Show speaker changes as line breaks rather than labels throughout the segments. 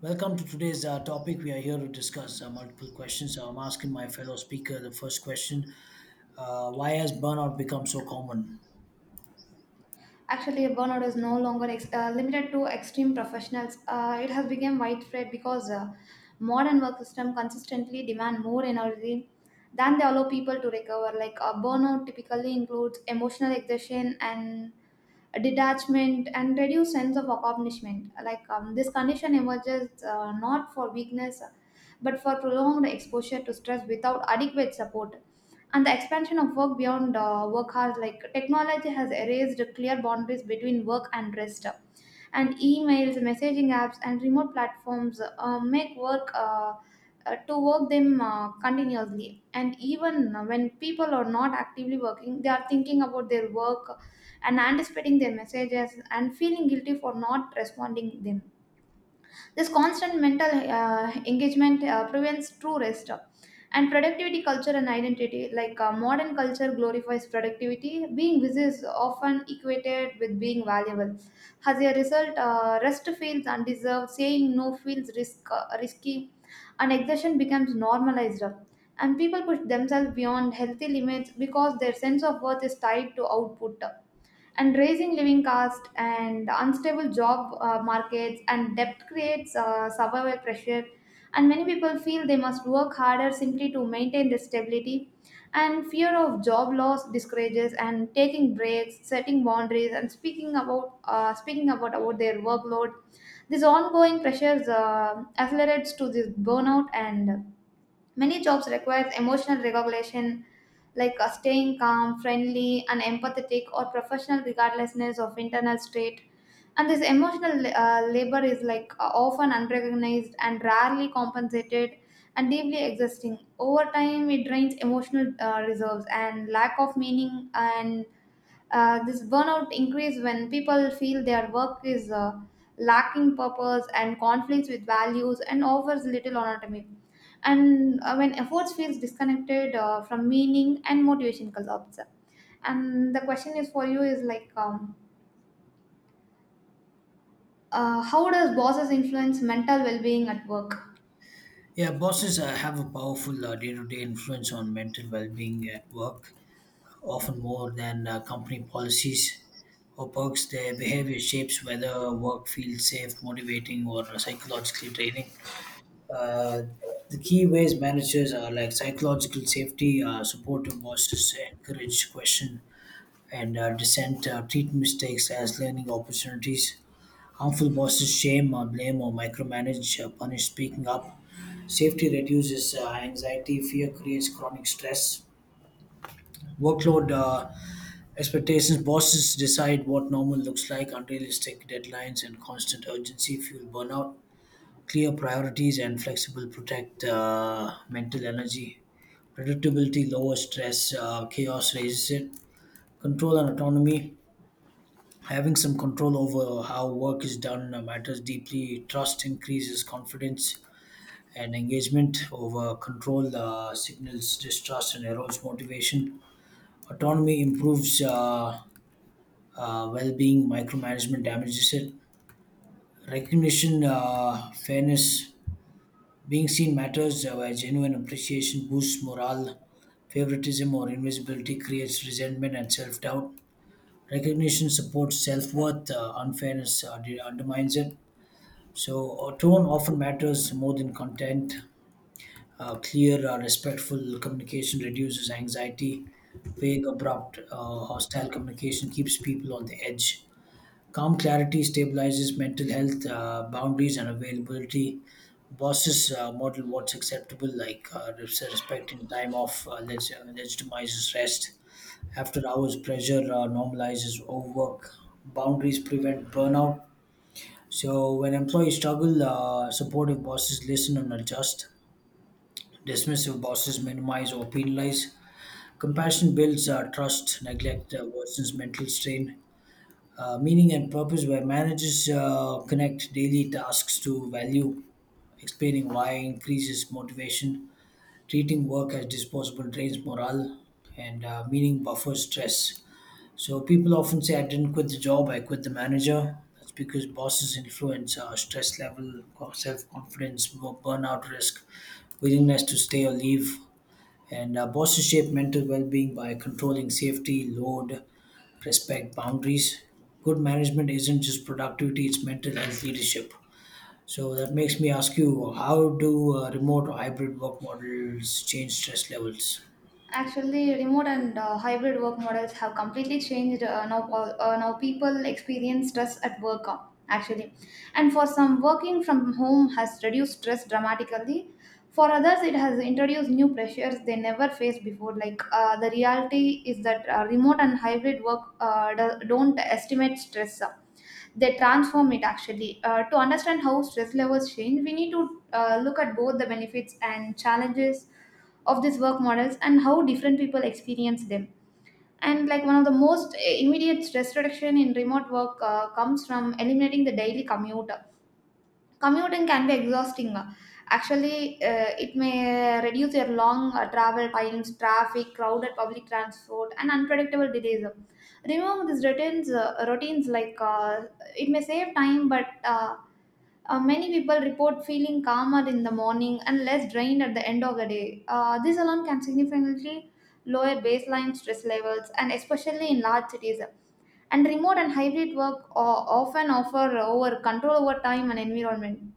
Welcome to today's topic. We are here to discuss multiple questions. So I'm asking my fellow speaker the first question why has burnout become so common?
Actually, burnout is no longer limited to extreme professionals. It has become widespread because modern work system consistently demand more energy than they allow people to recover. Like burnout typically includes emotional exhaustion and detachment and reduced sense of accomplishment. Like this condition emerges not for weakness, but for prolonged exposure to stress without adequate support and the expansion of work beyond work hours. Like technology has erased clear boundaries between work and rest, and emails messaging apps and remote platforms make work them continuously. And even when people are not actively working, they are thinking about their work and anticipating their messages and feeling guilty for not responding them. This constant mental engagement prevents true rest. And productivity culture and identity, like modern culture glorifies productivity, being busy is often equated with being valuable. As a result, rest feels undeserved, saying no feels risky, and exertion becomes normalized. And people push themselves beyond healthy limits because their sense of worth is tied to output, and raising living cost and unstable job markets and debt creates survival pressure, and many people feel they must work harder simply to maintain their stability, and fear of job loss discourages and taking breaks setting boundaries and speaking about about their workload. This ongoing pressures accelerates to this burnout. And many jobs require emotional regulation, like staying calm, friendly, and empathetic, or professional regardlessness of internal state. And this emotional labor is like often unrecognized and rarely compensated and deeply exhausting. Over time, it drains emotional reserves and lack of meaning. And this burnout increase when people feel their work is lacking purpose and conflicts with values and offers little autonomy, and when efforts feels disconnected from meaning and motivation collapse. And the question is for you is like how does bosses influence mental well-being at work?
Yeah, bosses have a powerful day to day influence on mental well being at work, often more than company policies or perks. Their behavior shapes whether work feels safe, motivating, or psychologically draining. Uh, the key ways managers are like psychological safety, supportive bosses encourage question and dissent treat mistakes as learning opportunities. Harmful bosses shame, blame, or micromanage, punish speaking up. Safety reduces anxiety, fear creates chronic stress. Workload expectations bosses decide what normal looks like, unrealistic deadlines and constant urgency fuel burnout. Clear priorities and flexible protect mental energy. Predictability lowers stress, chaos raises it. Control and autonomy. Having some control over how work is done matters deeply. Trust increases confidence and engagement over control, signals distrust, and erodes motivation. Autonomy improves well being, micromanagement damages it. Recognition, fairness, being seen matters, where genuine appreciation boosts morale. Favoritism or invisibility creates resentment and self doubt. Recognition supports self worth, unfairness undermines it. So, tone often matters more than content. Clear, respectful communication reduces anxiety. Vague, abrupt, hostile communication keeps people on the edge. Calm clarity stabilizes mental health, boundaries, and availability. Bosses model what's acceptable, like respecting time off, legitimizes rest. After hours, pressure normalizes overwork. Boundaries prevent burnout so when employees struggle, supportive bosses listen and adjust. Dismissive bosses minimize or penalize. Compassion builds trust. Neglect worsens mental strain. Meaning and purpose, where managers connect daily tasks to value, explaining why increases motivation. Treating work as disposable drains morale, and meaning buffers stress. So people often say, I didn't quit the job, I quit the manager. That's because bosses influence our stress level, self confidence, burnout risk, willingness to stay or leave. And bosses shape mental well being by controlling safety, load, respect, boundaries. Good management isn't just productivity, it's mental health leadership. So that makes me ask you, how do remote or hybrid work models change stress levels?
Actually, remote and hybrid work models have completely changed now. Now people experience stress at work actually, and for some, working from home has reduced stress dramatically. For others, it has introduced new pressures they never faced before. Like the reality is that remote and hybrid work don't estimate stress. They transform it actually. To understand how stress levels change, we need to look at both the benefits and challenges of these work models and how different people experience them. And like one of the most immediate stress reduction in remote work comes from eliminating the daily commute. Commuting can be exhausting. Actually, it may reduce your long travel times, traffic, crowded public transport, and unpredictable delays. Remove these routines like it may save time, but many people report feeling calmer in the morning and less drained at the end of the day. This alone can significantly lower baseline stress levels, and especially in large cities, and remote and hybrid work often offer over control over time and environment.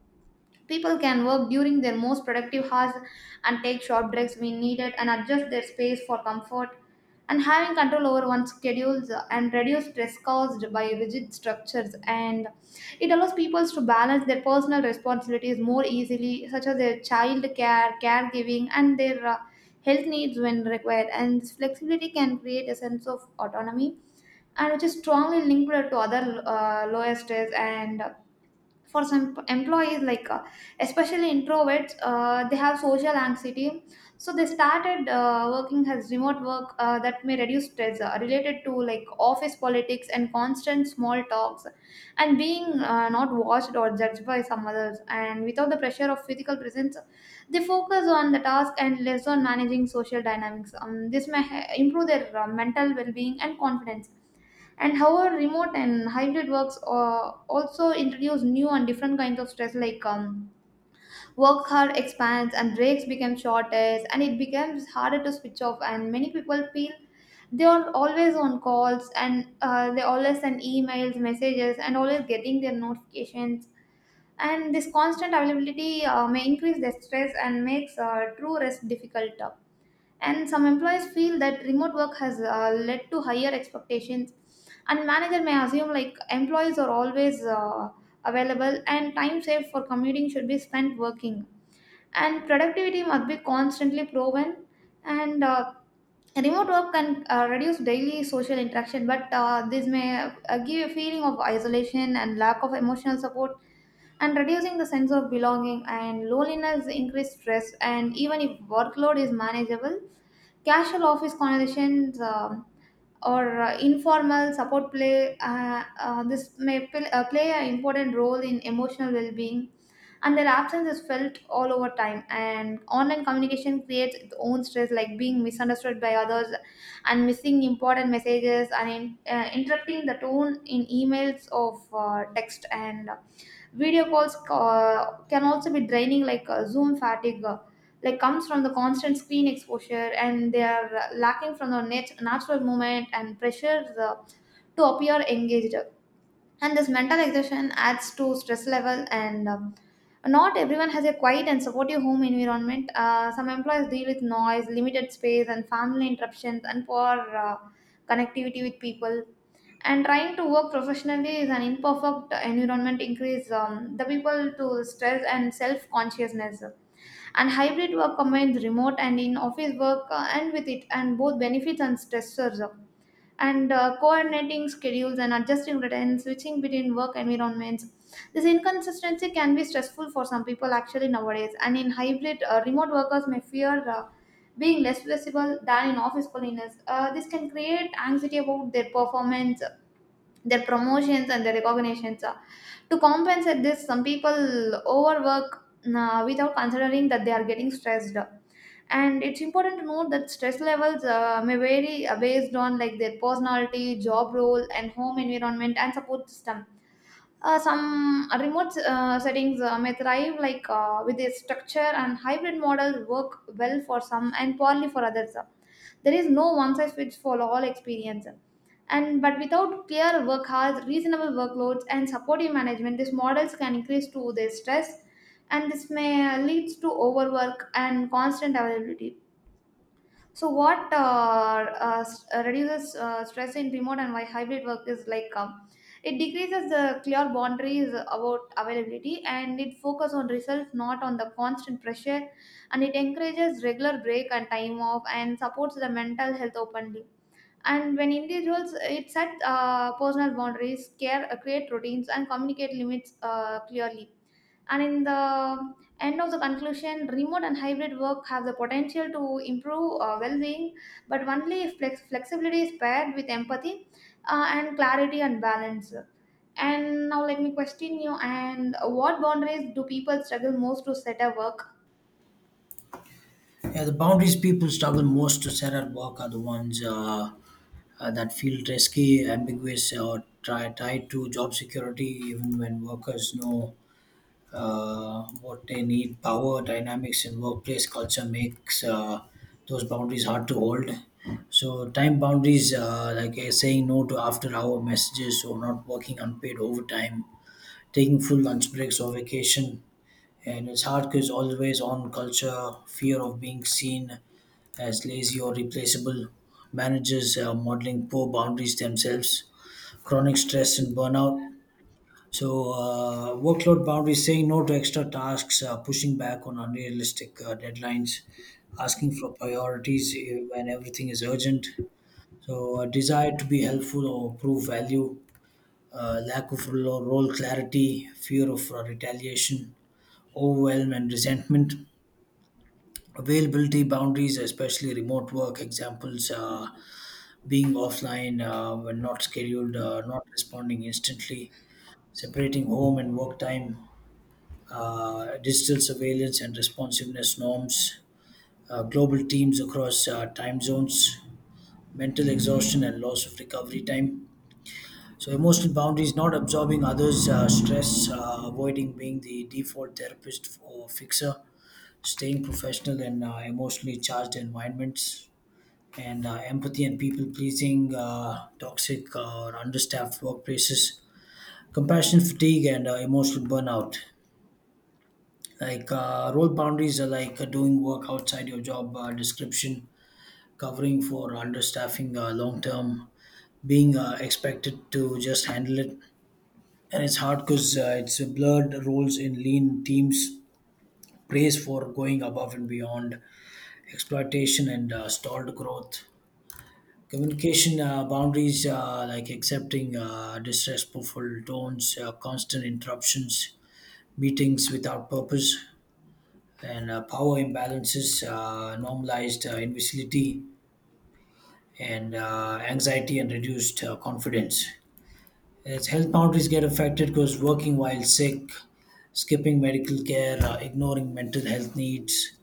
People can work during their most productive hours and take short breaks when needed and adjust their space for comfort. And having control over one's schedules and reduce stress caused by rigid structures, and it allows people to balance their personal responsibilities more easily, such as their child care, caregiving, and their health needs when required. And this flexibility can create a sense of autonomy, and which is strongly linked to other lower stress. And for some employees like especially introverts they have social anxiety, so they started working as remote work that may reduce stress related to like office politics and constant small talks, and being not watched or judged by some others, and without the pressure of physical presence they focus on the task and less on managing social dynamics. This improve their mental well-being and confidence. And however remote and hybrid works also introduce new and different kinds of stress like work hard expands and breaks become shortest and it becomes harder to switch off, and many people feel they are always on calls, and they always send emails messages and always getting their notifications, and this constant availability may increase their stress and makes true rest difficult. And some employees feel that remote work has led to higher expectations, and manager may assume like employees are always available and time saved for commuting should be spent working and productivity must be constantly proven. And remote work can reduce daily social interaction, but this may give a feeling of isolation and lack of emotional support and reducing the sense of belonging, and loneliness increase stress and even if workload is manageable. Casual office conversations or informal support play, this may pl- play an important role in emotional well being, and their absence is felt all over time. And online communication creates its own stress, like being misunderstood by others and missing important messages and interrupting the tone in emails of text. And video calls can also be draining, like Zoom fatigue, like comes from the constant screen exposure, and they are lacking from the natural movement and pressure to appear engaged, and this mental exhaustion adds to stress level. And not everyone has a quiet and supportive home environment. Some employees deal with noise limited space and family interruptions and poor connectivity with people, and trying to work professionally is an imperfect environment increase the people to stress and self consciousness. And hybrid work combines remote and in office work and with it and both benefits and stressors, and coordinating schedules and adjusting routines, switching between work environments. This inconsistency can be stressful for some people actually nowadays. And in hybrid, remote workers may fear being less flexible than in office colleagues. This can create anxiety about their performance, their promotions, and their recognitions. To compensate this, some people overwork without considering that they are getting stressed. And it's important to note that stress levels may vary based on like their personality job role and home environment and support system. Some remote settings may thrive like with their structure, and hybrid models work well for some and poorly for others. There is no one size fits for all experience. And but without clear work hours reasonable workloads and supportive management these models can increase to their stress, and this may leads to overwork and constant availability. So, what reduces stress in remote and why hybrid work is like it decreases the clear boundaries about availability and it focuses on results, not on the constant pressure, and it encourages regular break and time off and supports the mental health openly. And when individuals it set personal boundaries, care, create routines, and communicate limits clearly, and in the end of the conclusion, remote and hybrid work have the potential to improve well being, but only if flexibility is paired with empathy and clarity and balance. And now let me question you. And what boundaries do people struggle most to set at work?
Yeah, the boundaries people struggle most to set at work are the ones that feel risky, ambiguous, or tied to job security, even when workers know what they need. Power dynamics in workplace culture makes those boundaries hard to hold. So, time boundaries, like saying no to after hour messages or not working unpaid overtime, taking full lunch breaks or vacation, and it's hard because always on culture, fear of being seen as lazy or replaceable, managers modeling poor boundaries themselves, chronic stress and burnout. So, workload boundaries, saying no to extra tasks, pushing back on unrealistic deadlines, asking for priorities when everything is urgent. So, a desire to be helpful or prove value, lack of role clarity, fear of retaliation, overwhelm, and resentment. Availability boundaries, especially remote work examples, being offline when not scheduled, not responding instantly, separating home and work time, digital surveillance and responsiveness norms, global teams across time zones, mental exhaustion and loss of recovery time. So, emotional boundaries, not absorbing others' stress, avoiding being the default therapist or fixer, staying professional in emotionally charged environments and empathy and people pleasing, toxic or understaffed workplaces, compassion fatigue, and emotional burnout. Like role boundaries are like doing work outside your job description, covering for understaffing long term, being expected to just handle it. And it's hard because it's a blurred roles in lean teams, praise for going above and beyond, exploitation, and stalled growth. Communication boundaries, like accepting disrespectful tones, constant interruptions, meetings without purpose, and power imbalances, normalized imbecility, and anxiety and reduced confidence. As health boundaries get affected because working while sick, skipping medical care, ignoring mental health needs,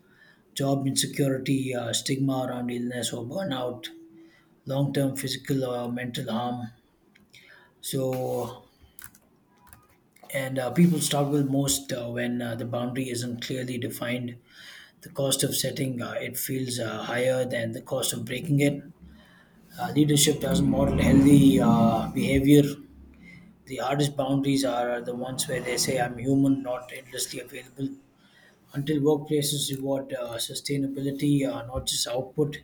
job insecurity, stigma around illness or burnout, long term physical or mental harm. So, and people struggle most when the boundary isn't clearly defined. The cost of setting it feels higher than the cost of breaking it. Leadership doesn't model healthy behavior. The hardest boundaries are the ones where they say, I'm human, not endlessly available. Until workplaces reward sustainability, not just output,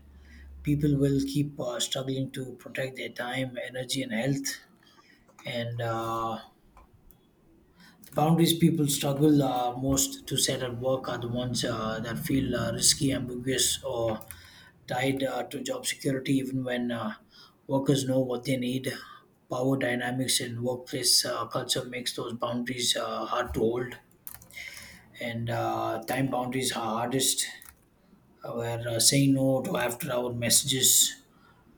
people will keep struggling to protect their time, energy, and health. And boundaries people struggle most to set at work are the ones that feel risky, ambiguous, or tied to job security, even when workers know what they need. Power dynamics in workplace culture makes those boundaries hard to hold, and time boundaries are hardest. Where saying no to after hour messages,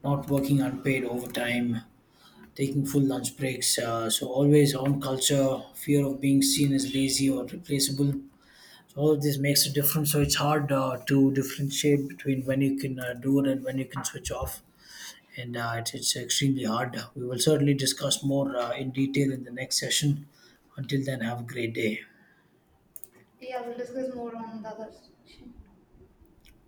not working unpaid overtime, taking full lunch breaks. So, always on culture, fear of being seen as lazy or replaceable so all of this makes a difference. So it's hard to differentiate between when you can do it and when you can switch off. And it's extremely hard. We will certainly discuss more in detail in the next session. Until then, have a great day.
Yeah, we'll discuss more on the other section.